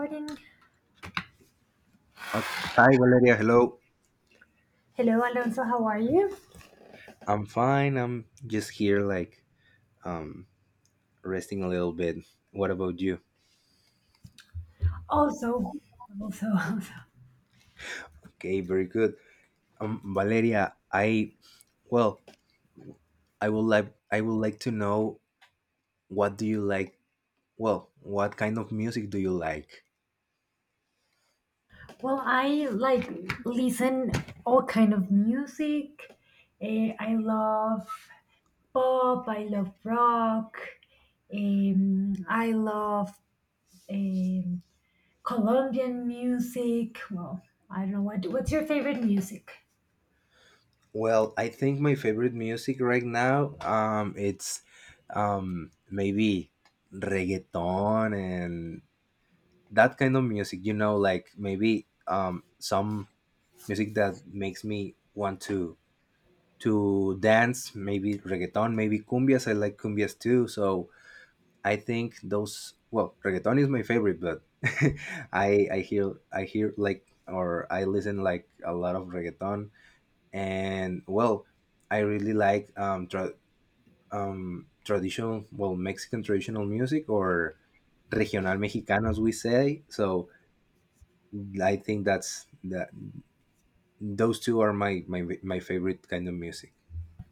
Morning. Okay. Hi, Valeria. Hello. Hello, Alonso. How are you? I'm fine. I'm just here, like, um, resting a little bit. What about you? Also, also, also. Okay, very good. Valeria, I well, I would like to know, what do you like? Well, what kind of music do you like? Well, I like listen all kind of music. I love pop. I love rock. I love um, Colombian music. Well, I don't know what. What's your favorite music? Well, I think my favorite music right now, it's maybe reggaeton and that kind of music. Like maybe some music that makes me want to dance, maybe reggaeton, maybe cumbias. I like cumbias too, so I think those well, reggaeton is my favorite, but I hear, like, or I listen like a lot of reggaeton. And, well, I really like, traditional, well, Mexican traditional music, or regional mexicano, as we say. So I think that's that those two are my favorite kind of music.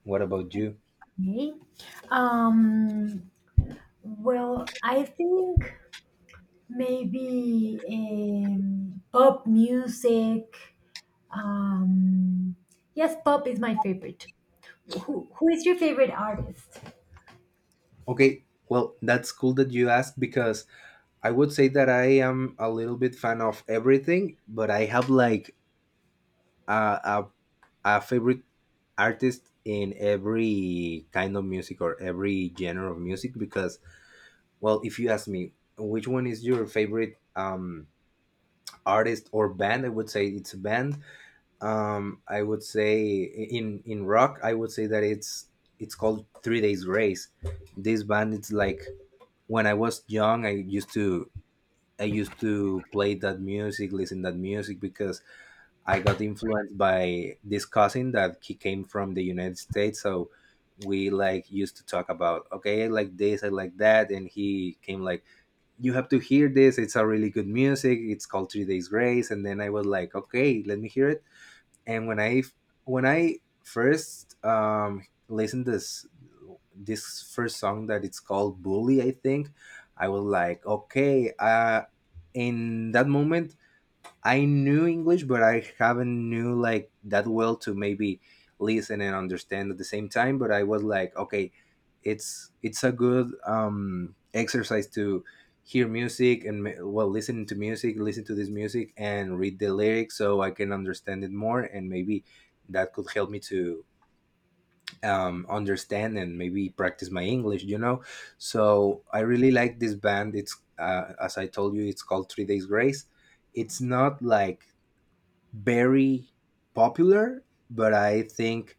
What about you? Okay. Um, well, I think maybe pop music. Um, yes, pop is my favorite. Who is your favorite artist? Okay, well, that's cool that you asked, because I would say that I am a little bit fan of everything, but I have, like, a, a, a favorite artist in every kind of music, or every genre of music, because, well, if you ask me which one is your favorite, artist or band, I would say it's a band. I would say in rock, I would say that it's called Three Days Grace. This band, it's like, when I was young, I used to play that music, listen that music, because I got influenced by this cousin that he came from the United States. So we, like, used to talk about, okay, I like this, I like that, and he came like, you have to hear this. It's a really good music. It's called Three Days Grace, and then I was like, okay, let me hear it. And when I first listened this first song, that it's called Bully, I think. I was like, okay. In that moment, I knew English, but I haven't knew, like, that well, to maybe listen and understand at the same time. But I was like, okay, it's a good, exercise to hear music, and well, listening to music, listen to this music and read the lyrics, so I can understand it more, and maybe that could help me to, understand and maybe practice my English. So I really like this band. It's as I told you, it's called Three Days Grace. It's not like very popular, but I think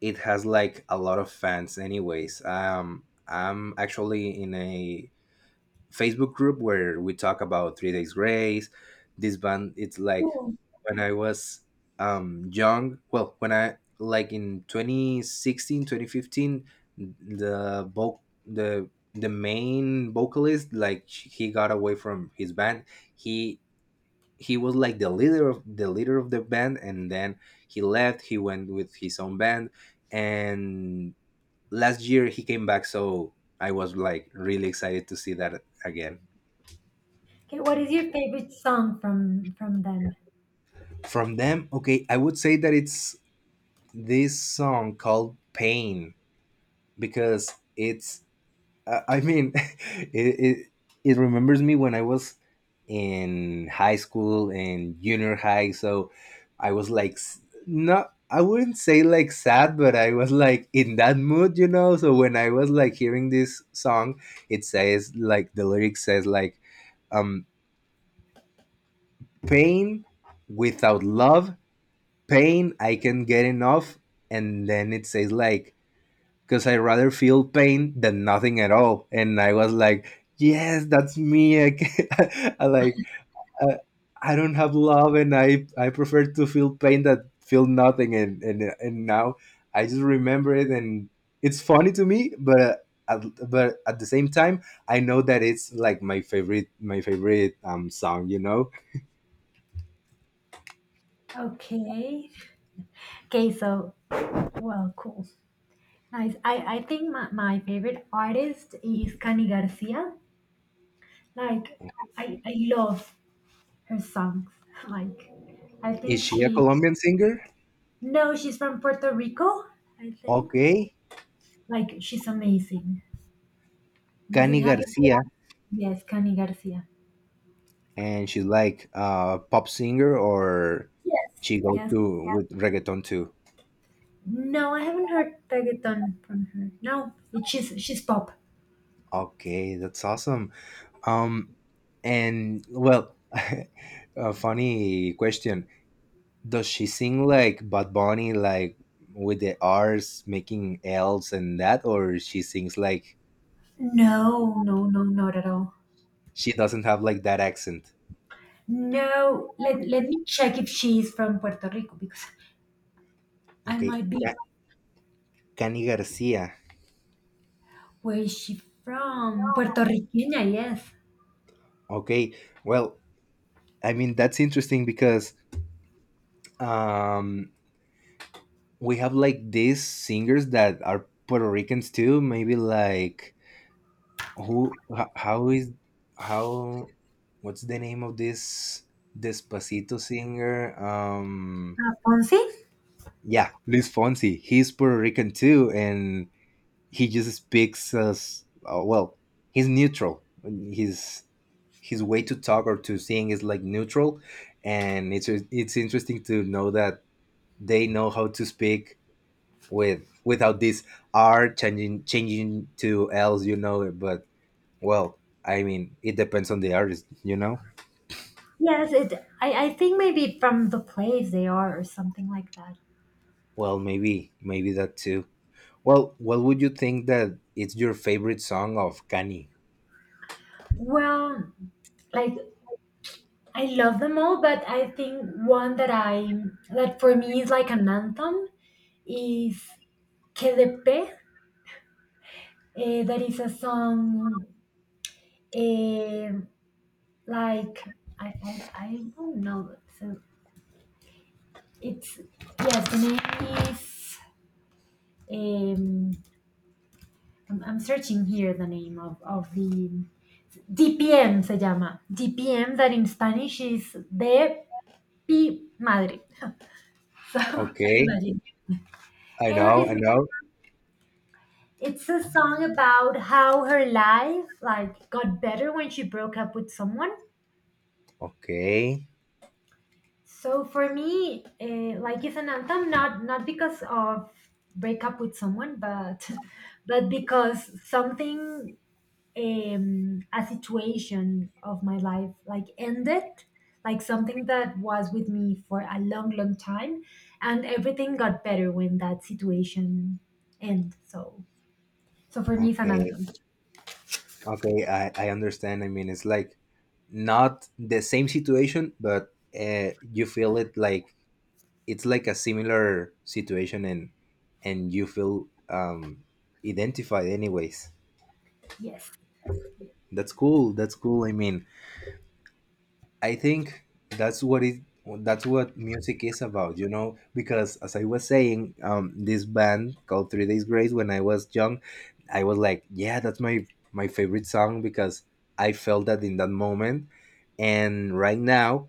it has like a lot of fans anyways. I'm actually in a Facebook group where we talk about Three Days Grace. This band it's like Who? when I was young. Well, when I, like, in 2016, 2015, the voc- the the main vocalist, like, he got away from his band. He he was like the leader of the band, and then he went with his own band. And last year, he came back, so I was, like, really excited to see that again. Okay, what is your favorite song from them? From them, okay. I would say that it's this song called Pain. Because it's I mean, it remembers me when I was in high school and junior high. So I was like, not, I wouldn't say like sad, but I was like in that mood. So when I was like hearing this song, it says like the lyric says, like, um, pain without love, pain I can get enough. And then it says, like, because I rather feel pain than nothing at all. And I was like, yes, that's me. I, like, I, I don't have love, and I prefer to feel pain that feel nothing. And now I just remember it, and it's funny to me, At, but at the same time, I know that it's like my favorite song. You know, Okay. Okay, so well, cool. Nice. I think my favorite artist is Cani Garcia. Like I love her songs. Like I is think she a she. Colombian singer? No, she's from Puerto Rico, I think. Okay, Like she's amazing. Amazing. Cani Have you Garcia. heard? Yes, Cani Garcia. And she's like a pop singer, or Yes. she goes Yes. to, yeah, with reggaeton too. No, I haven't heard reggaeton from her. No, it, She's pop. Okay, that's awesome. um and well, a funny question: does she sing like Bad Bunny, like with the R's making L's and that, or she sings like, No, no, no, not at all. she doesn't have like that accent. No, let me check if she is from Puerto Rico because I Okay, might be. Cani Garcia. Where is she from? Puerto Riqueña, yes. Okay, well, I mean, that's interesting because um we have like these singers that are Puerto Ricans too. Maybe like, who? How? What's the name of this Despacito singer? Fonsi? Yeah, Luis Fonsi. He's Puerto Rican too, and he just speaks as, well. He's neutral. His way to talk or to sing is like neutral, and it's interesting to know that they know how to speak without this R, changing to L's, but well, I mean, it depends on the artist. Yes, it. I think maybe from the place they are or something like that. Well, maybe that too. Well, what would you think that it's your favorite song of Kanye? Well, like I love them all, but I think one that I, that for me is like an anthem is Que KDP. There is a song, eh, like I don't know. So it's, yes, the name is, um, I'm searching here the name of the DPM, se llama DPM, that in Spanish is de pi madre. So Okay, imagine, I and know, I know. it's a song about how her life like got better when she broke up with someone. Okay, So for me, like it's an anthem, not because of breakup with someone, but but because something, a situation of my life like ended, like something that was with me for a long, long time, and everything got better when that situation ended. So so for me, it's an okay, anthem. okay. I understand. I mean, it's like not the same situation, but you feel it like, it's like a similar situation, and you feel identified anyways. Yes. Yes. That's cool, that's cool. I mean, I think that's what it that's what music is about, because, as I was saying, this band called Three Days Grace, when I was young, I was like, yeah, that's my favorite song, because I felt that in that moment. And right now,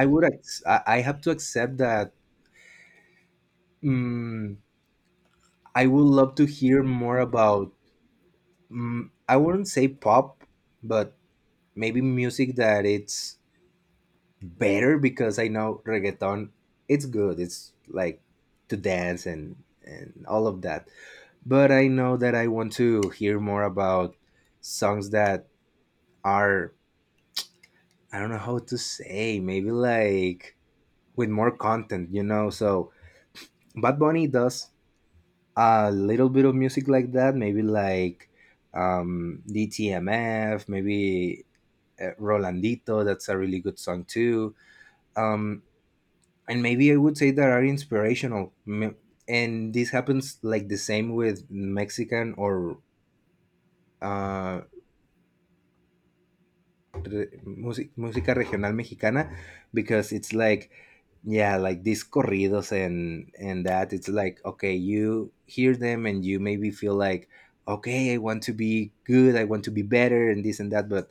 I would ac- I have to accept that, mm, I would love to hear more about, I wouldn't say pop, but maybe music that it's better. Because I know reggaeton, it's good, it's like to dance and all of that. But I know that I want to hear more about songs that are I don't know how to say. Maybe like with more content. So Bad Bunny does a little bit of music like that. Maybe like, DTMF, maybe Rolandito. That's a really good song too. Um, and maybe I would say that are inspirational. And this happens like the same with Mexican, or uh, music, música regional mexicana, because it's like, yeah, like these corridos and that. It's like, okay, you hear them and you maybe feel like okay, I want to be good, I want to be better, and this and that. But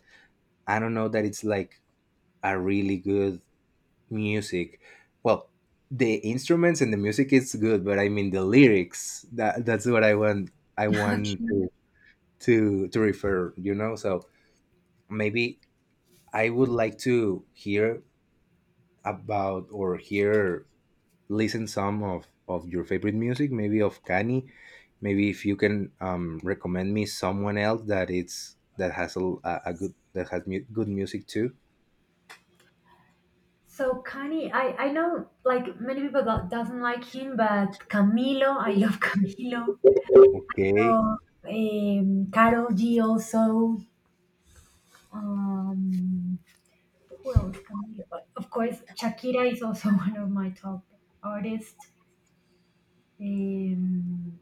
I don't know that it's like a really good music. Well, the instruments and the music is good, but I mean the lyrics, that's what I Yes. want Okay. to refer, so maybe I would like to hear about, or hear listen some of your favorite music, maybe of Kanye, maybe if you can, recommend me someone else that it's that has a good, good music too. So Kanye, I know like many people that doesn't like him, but Camilo, I love Camilo. So, Okay. Karol G also. Um, who else? Camilo. Of course, Shakira is also one of my top artists. Um,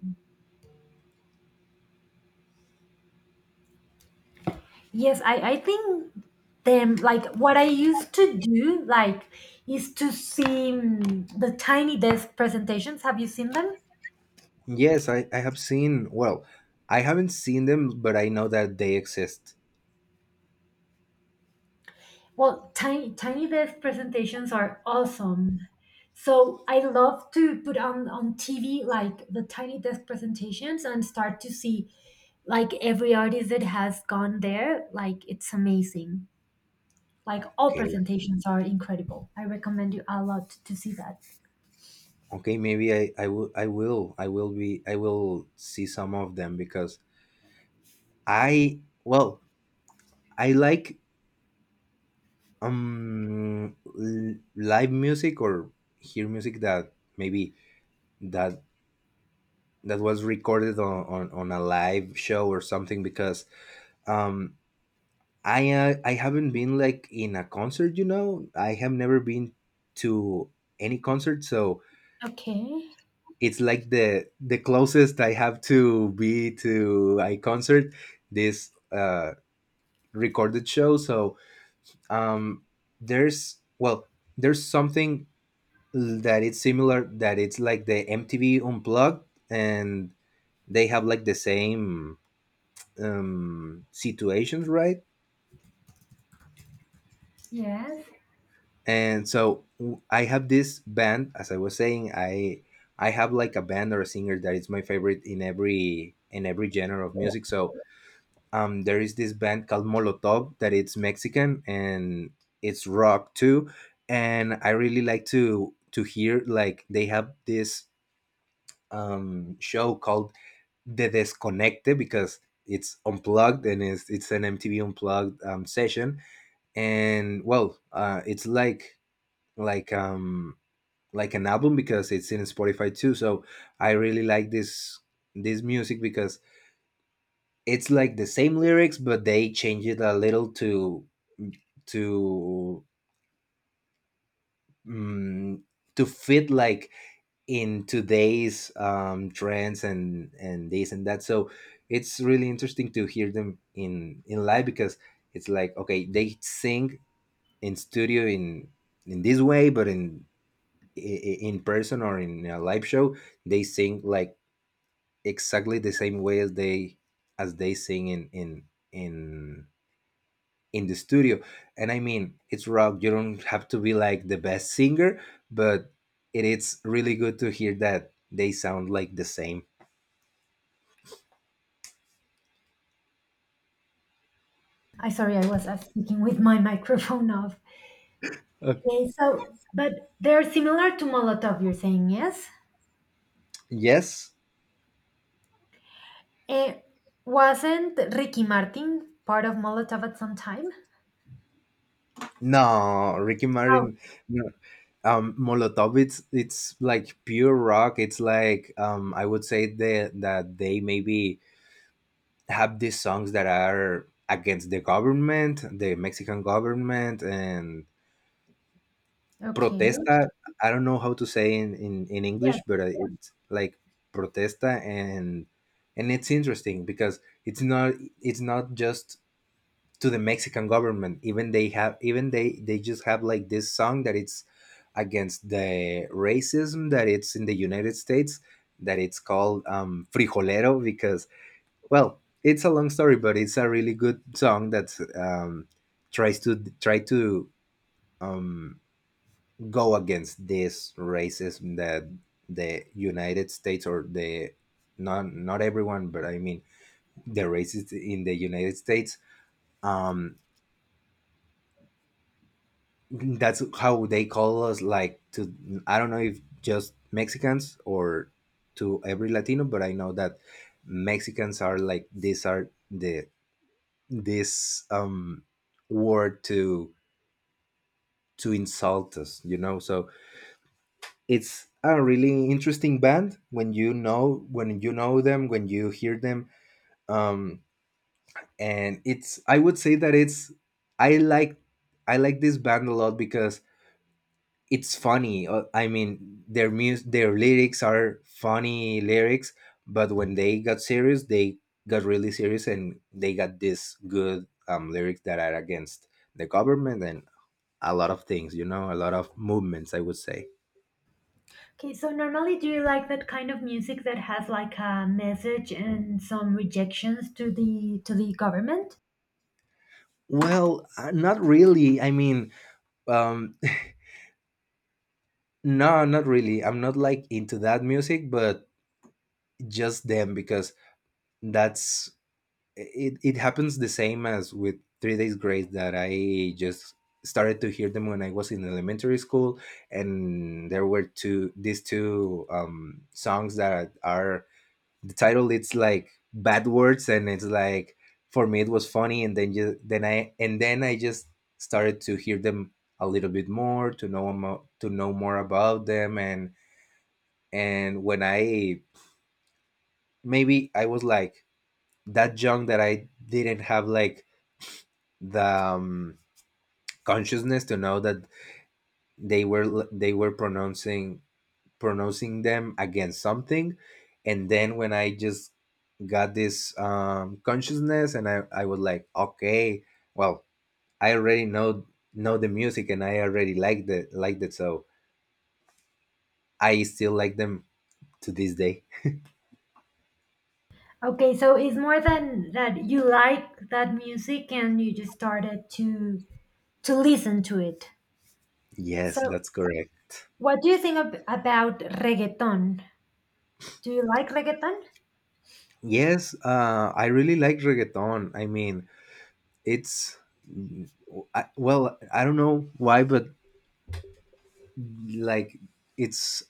yes, I think them like what I used to do, like, is to see, mm, the Tiny Desk presentations. Have you seen them? Yes, I have seen. Well, I haven't seen them, but I know that they exist. Well, Tiny Desk presentations are awesome. So I love to put on TV like the Tiny Desk presentations and start to see like every artist that has gone there. Like it's amazing. Like all Okay. presentations are incredible. I recommend you a lot to see that. Okay, maybe I will see some of them, because I well, I like live music, or hear music that maybe that that was recorded on a live show or something, because um I, I haven't been like in a concert. You know. I have never been to any concert, so Okay. it's like the closest I have to be to a concert, this recorded show. So um, there's, well, there's something that it's similar, that it's like the MTV Unplugged, and they have like the same situations, right? Yes. And so I have this band, as I was saying. I have like a band or a singer that is my favorite in every, in every genre of music. So there is this band called Molotov, that it's Mexican, and it's rock too. And I really like to hear, like, they have this show called The Desconecte, because it's unplugged, and it's an MTV unplugged session. And, well, it's like um like an album, because it's in Spotify too. So I really like this music, because it's like the same lyrics, but they change it a little to mm to fit like in today's trends, and this and that. So it's really interesting to hear them in live, because it's like, okay, they sing in studio, in this way, but in person, or in a live show, they sing like exactly the same way as they sing in in the studio. And I mean, it's rock. You don't have to be like the best singer, but it is really good to hear that they sound like the same. I sorry, I was speaking with my microphone off. Uh, Okay, so but they're similar to Molotov, you're saying, yes? yes. Eh, wasn't Ricky Martin part of Molotov at some time? No, Ricky Oh, Martin. No. Molotov. It's like pure rock. It's like I would say that they maybe have these songs that are against the government, the Mexican government, and okay. protesta. I don't know how to say in Yeah. English, but it's like protesta, and it's interesting because it's not just to the Mexican government. Even they have, even they just have like this song that it's against the racism that it's in the United States, that it's called Frijolero, because well, it's a long story, but it's a really good song that um, tries to, try to um, go against this racism that the United States, or the, not everyone, but I mean the racists in the United States. Um, that's how they call us. Like to, I don't know if just Mexicans or to every Latino, but I know that Mexicans are like, these are the, this word to insult us. You know, so it's a really interesting band when you know, when you know them when you hear them. um and it's I would say that it's I like, I like this band a lot because it's funny. I mean their mus their lyrics are funny lyrics, but when they got serious, they got really serious, and they got this good lyrics that are against the government and a lot of things, you know, a lot of movements, I would say. Okay, so normally do you like that kind of music that has like a message and some rejections to the government? Well, not really. I mean, Um, no, not really. I'm not like into that music, but just them, because that's it. It happens the same as with Three Days Grace, that I just started to hear them when I was in elementary school, and there were two these two songs that are the title. It's like bad words, and it's like for me it was funny, and then just then I and then I just started to hear them a little bit more to know, to know more about them. And when I, maybe I was like that young, that I didn't have like the consciousness to know that they were pronouncing, them against something. And then when I just got this consciousness, I was like, okay, well, I already know, the music, and I already liked it, so I still like them to this day. Okay, so it's more than that you like that music and you just started to listen to it. So, Yes, that's correct. what do you think about reggaeton? Do you like reggaeton? Yes, I really like reggaeton. I mean, it's, I, well, I don't know why, but like, it's,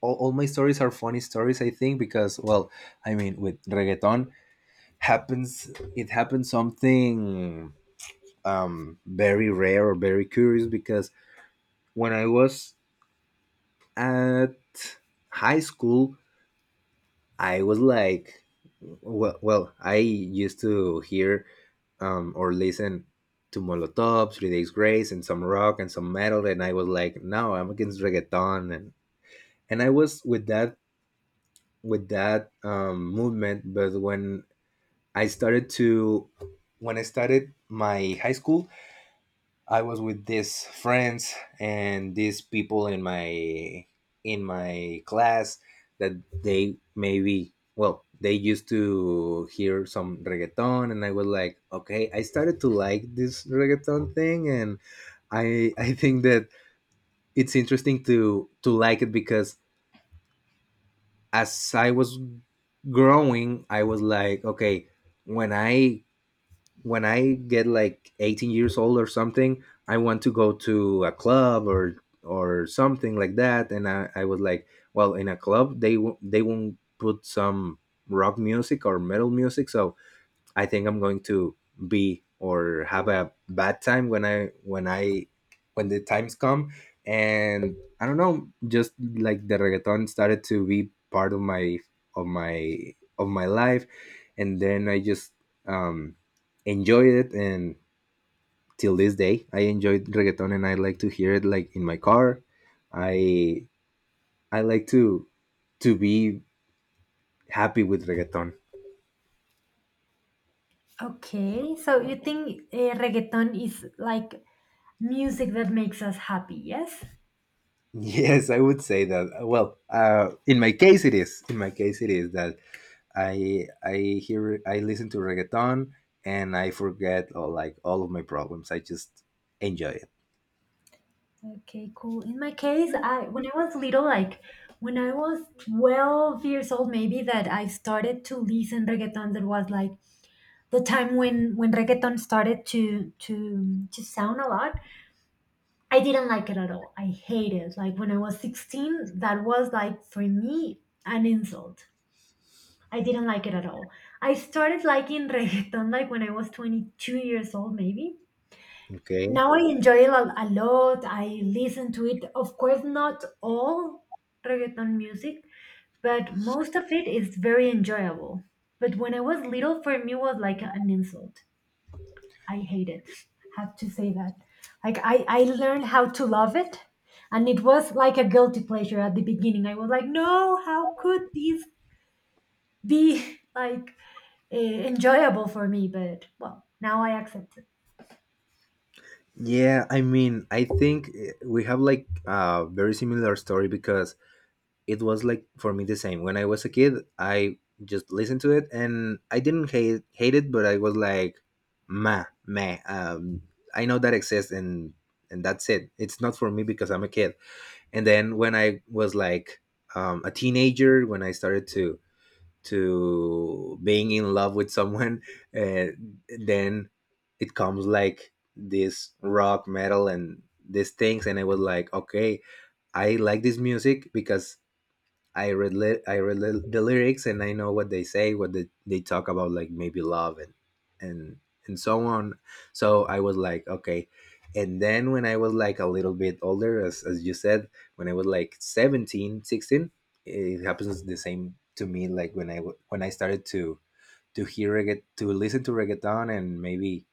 all my stories are funny stories. I think, because well, I mean, with reggaeton happens, it happens something very rare or very curious, because when I was at high school, I was like, well, I used to hear or listen to Molotov, Three Days Grace, and some rock and some metal, and I was like, no, I'm against reggaeton, and I was with that, with that movement. But when I started to, when I started my high school, I was with these friends and these people in my, in my class, that they maybe, well, they used to hear some reggaeton, and I was like, okay, I started to like this reggaeton thing. And I think that it's interesting to like it, because as I was growing, I was like, okay, when I, when I get like 18 years old or something, I want to go to a club or something like that. I was like, well, in a club they they won't put some rock music or metal music, so I think I'm going to be or have a bad time when I, when the times come. And I don't know, just like, the reggaeton started to be part of my, of my of my life. And then I just um enjoyed it, and till this day I enjoy reggaeton, and I like to hear it, like in my car. I I like to be happy with reggaeton. Okay, so you think reggaeton is like music that makes us happy, yes. Yes, I would say that. In my case, it is. In my case, it is that I listen to reggaeton, and I forget all, like all of my problems. I just enjoy it. Okay, cool. In my case, I when I was little, like when I was 12 years old, maybe, that I started to listen reggaeton. That was like the time when reggaeton started to to sound a lot. I didn't like it at all. I hated it. Like when I was 16, that was like for me an insult. I didn't like it at all. I started liking reggaeton like when I was 22 years old, maybe. Okay. Now I enjoy it a lot. I listen to it. Of course, not all reggaeton music, but most of it is very enjoyable. But when I was little, for me was like an insult. I hate it. Have to say that. Like I learned how to love it, and it was like a guilty pleasure at the beginning. I was like, no, how could this be like enjoyable for me? But well, now I accept it. Yeah, I mean, I think, we have like a very similar story, because it was like for me the same. When I was a kid, I just listened to it and I didn't hate it, but I was like, meh. I know that exists, and that's it. It's not for me because I'm a kid. And then when I was like a teenager, when I started to being in love with someone, uh, then it comes like this rock metal and these things, and I was like, okay, I like this music because I read the lyrics, and I know what they say, what they talk about, like maybe love and and and so on. So I was like, okay. And then when I was like a little bit older, as you said, when I was like 17, 16, it happens the same to me. Like when I when I started to hear to listen to reggaeton, and maybe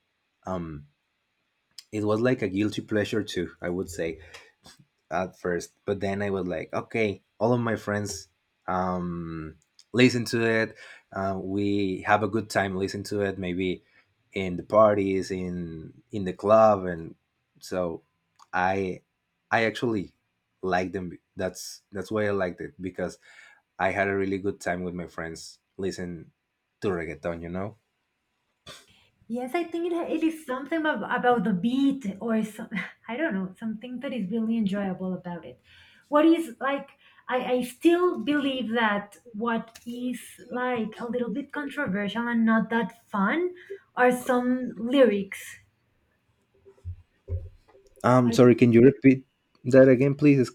um it was like a guilty pleasure too, I would say, at first. But then I was like, okay, all of my friends um, listen to it. We have a good time listening to it, maybe in the parties, in the club, and so I I actually like them. That's why I liked it, because I had a really good time with my friends listening to reggaeton. You know. Yes, I think it is something about the beat or some, I don't know, something that is really enjoyable about it. What is like, I still believe that what is like a little bit controversial and not that fun are some lyrics. Like, Sorry, can you repeat that again, please?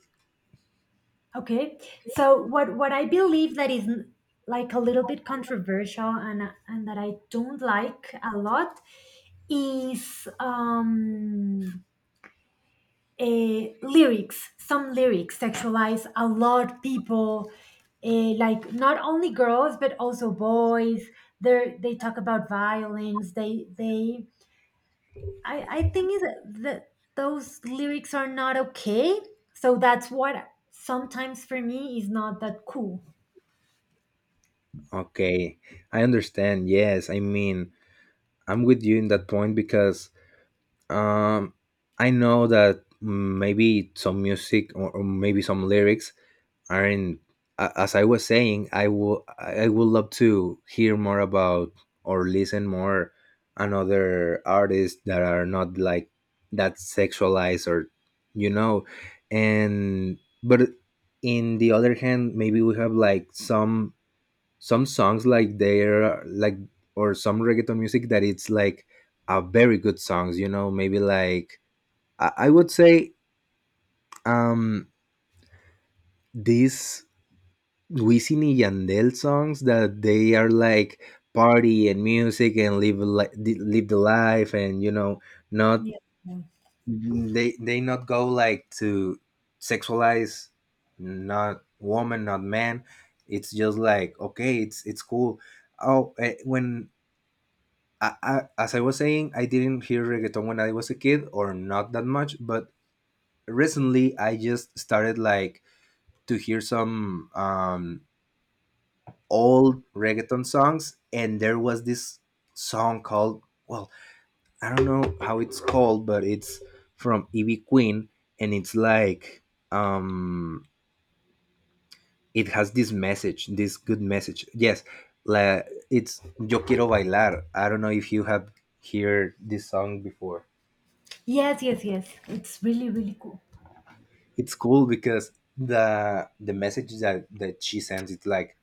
okay, so what I believe that is like a little bit controversial, and that I don't like a lot is, lyrics, some lyrics sexualize a lot people, like not only girls but also boys. They talk about violence. They they i i think is that those lyrics are not okay. So that's what sometimes for me is not that cool. Okay, I understand. Yes, I mean, I'm with you in that point, because um, I know that maybe some music, or maybe some lyrics aren't. As I was saying, I will, I would love to hear more about or listen more another artists that are not like that, sexualized, or you know, and but in the other hand, maybe we have like some songs like they're like, or some reggaeton music that it's like a very good songs, you know, maybe like, I would say um these Wisin y Yandel songs that they are like party and music and live, like live the life, and you know, not, Yeah. they, they not go like to sexualize, not woman, not man. It's just like, okay, it's cool. Oh when as I was saying, I didn't hear reggaeton when I was a kid, or not that much. But recently, I just started like to hear some old reggaeton songs, and there was this song called, well, I don't know how it's called, but it's from Ivy Queen, and it's like um, it has this message, this good message. Yes, la, it's Yo Quiero Bailar. I don't know if you have heard this song before. Yes, yes, yes, it's really really cool. It's cool because the message that that she sends, it's like,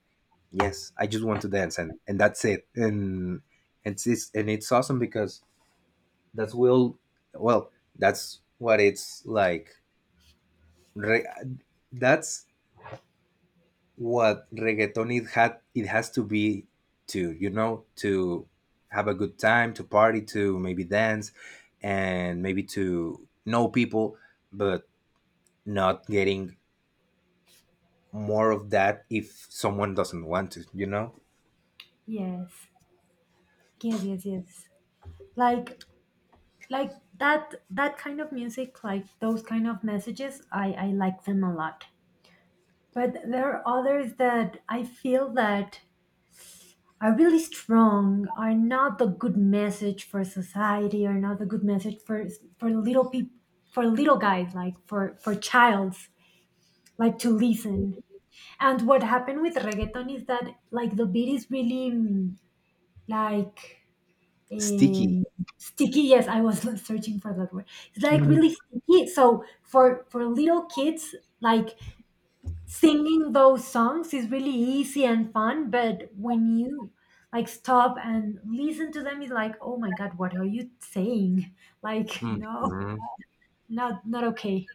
yes, I just want to dance, and that's it. And it's, and it's awesome because that's will well that's what it's like. Re- that's what reggaeton it has to be, to, you know, to have a good time, to party, to maybe dance, and maybe to know people, but not getting more of that if someone doesn't want to, you know? Yes, yes, yes, yes. like like that that kind of music, like those kind of messages, I like them a lot. But there are others that I feel that are really strong, are not a good message for society, are not a good message for little people, for little guys, like for childs, like to listen. And what happened with reggaeton is that like the beat is really, mm, like, Sticky. um, sticky. Yes, I was searching for that word. It's like Mhm. really sticky. So for little kids, like singing those songs is really easy and fun. But when you like stop and listen to them, it's like, oh my god, what are you saying? Like, no, Mhm. not not okay.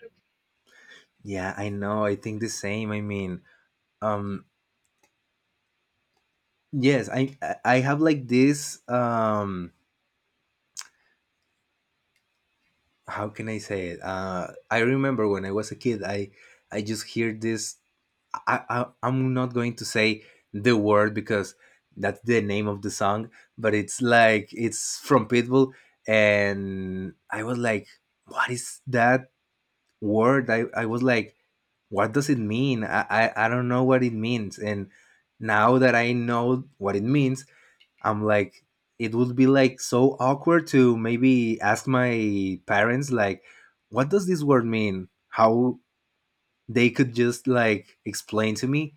Yeah, I know. I think the same. I mean, um, yes, I have like this. How can I say it? I remember when I was a kid, I just hear this. I'm not going to say the word because that's the name of the song, but it's like it's from Pitbull, and I was like, what is that word? I was like, what does it mean? I don't know what it means, and now that I know what it means, I'm like, it would be like so awkward to maybe ask my parents like, what does this word mean? How they could just like explain to me?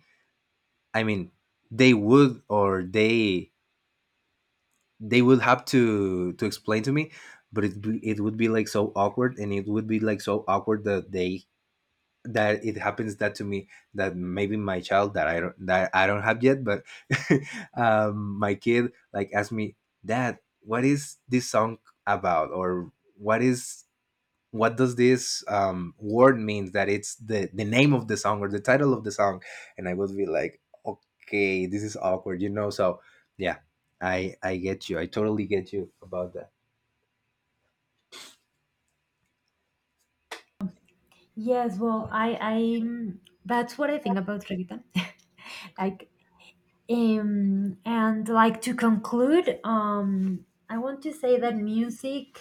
I mean, they would, or they would have to explain to me. But it, it would be like so awkward, and it would be like so awkward that they that it happens that to me, that maybe my child that I don't, have yet, but my kid like asked me, "Dad, what is this song about?" Or, "What is, what does this word mean?" That it's the name of the song, or the title of the song. And I would be like, "Okay, this is awkward," you know. So yeah, I get you. I totally get you about that. Yes, well, I mm, that's what I think about reggaeton. Like, and like to conclude, I want to say that music,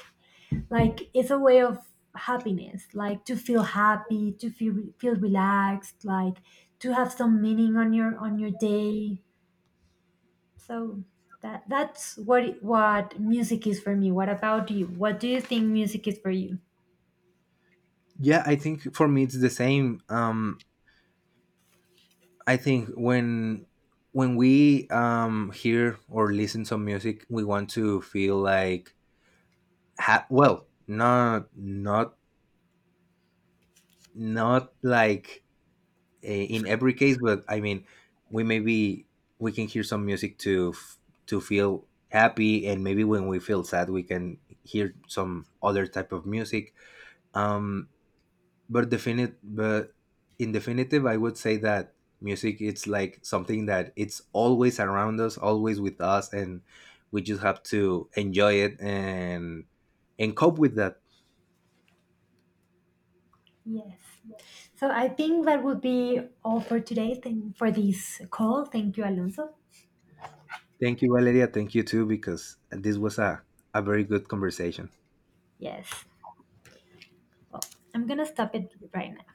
like, it's a way of happiness, like to feel happy, to feel feel relaxed, like to have some meaning on your day. So that that's what what music is for me. What about you? What do you think music is for you? Yeah, I think for me it's the same. I think when we hear or listen some music, we want to feel like well, not like in every case, but I mean, we maybe, we can hear some music to to feel happy, and maybe when we feel sad, we can hear some other type of music. Um, but definite but in definitive, I would say that music, it's like something that it's always around us, always with us, and we just have to enjoy it and cope with that. Yes. So I think that would be all for today. Thank, for this call. Thank you, Alonso. Thank you, Valeria, thank you too, because this was a very good conversation. Yes, well, I'm gonna stop it right now.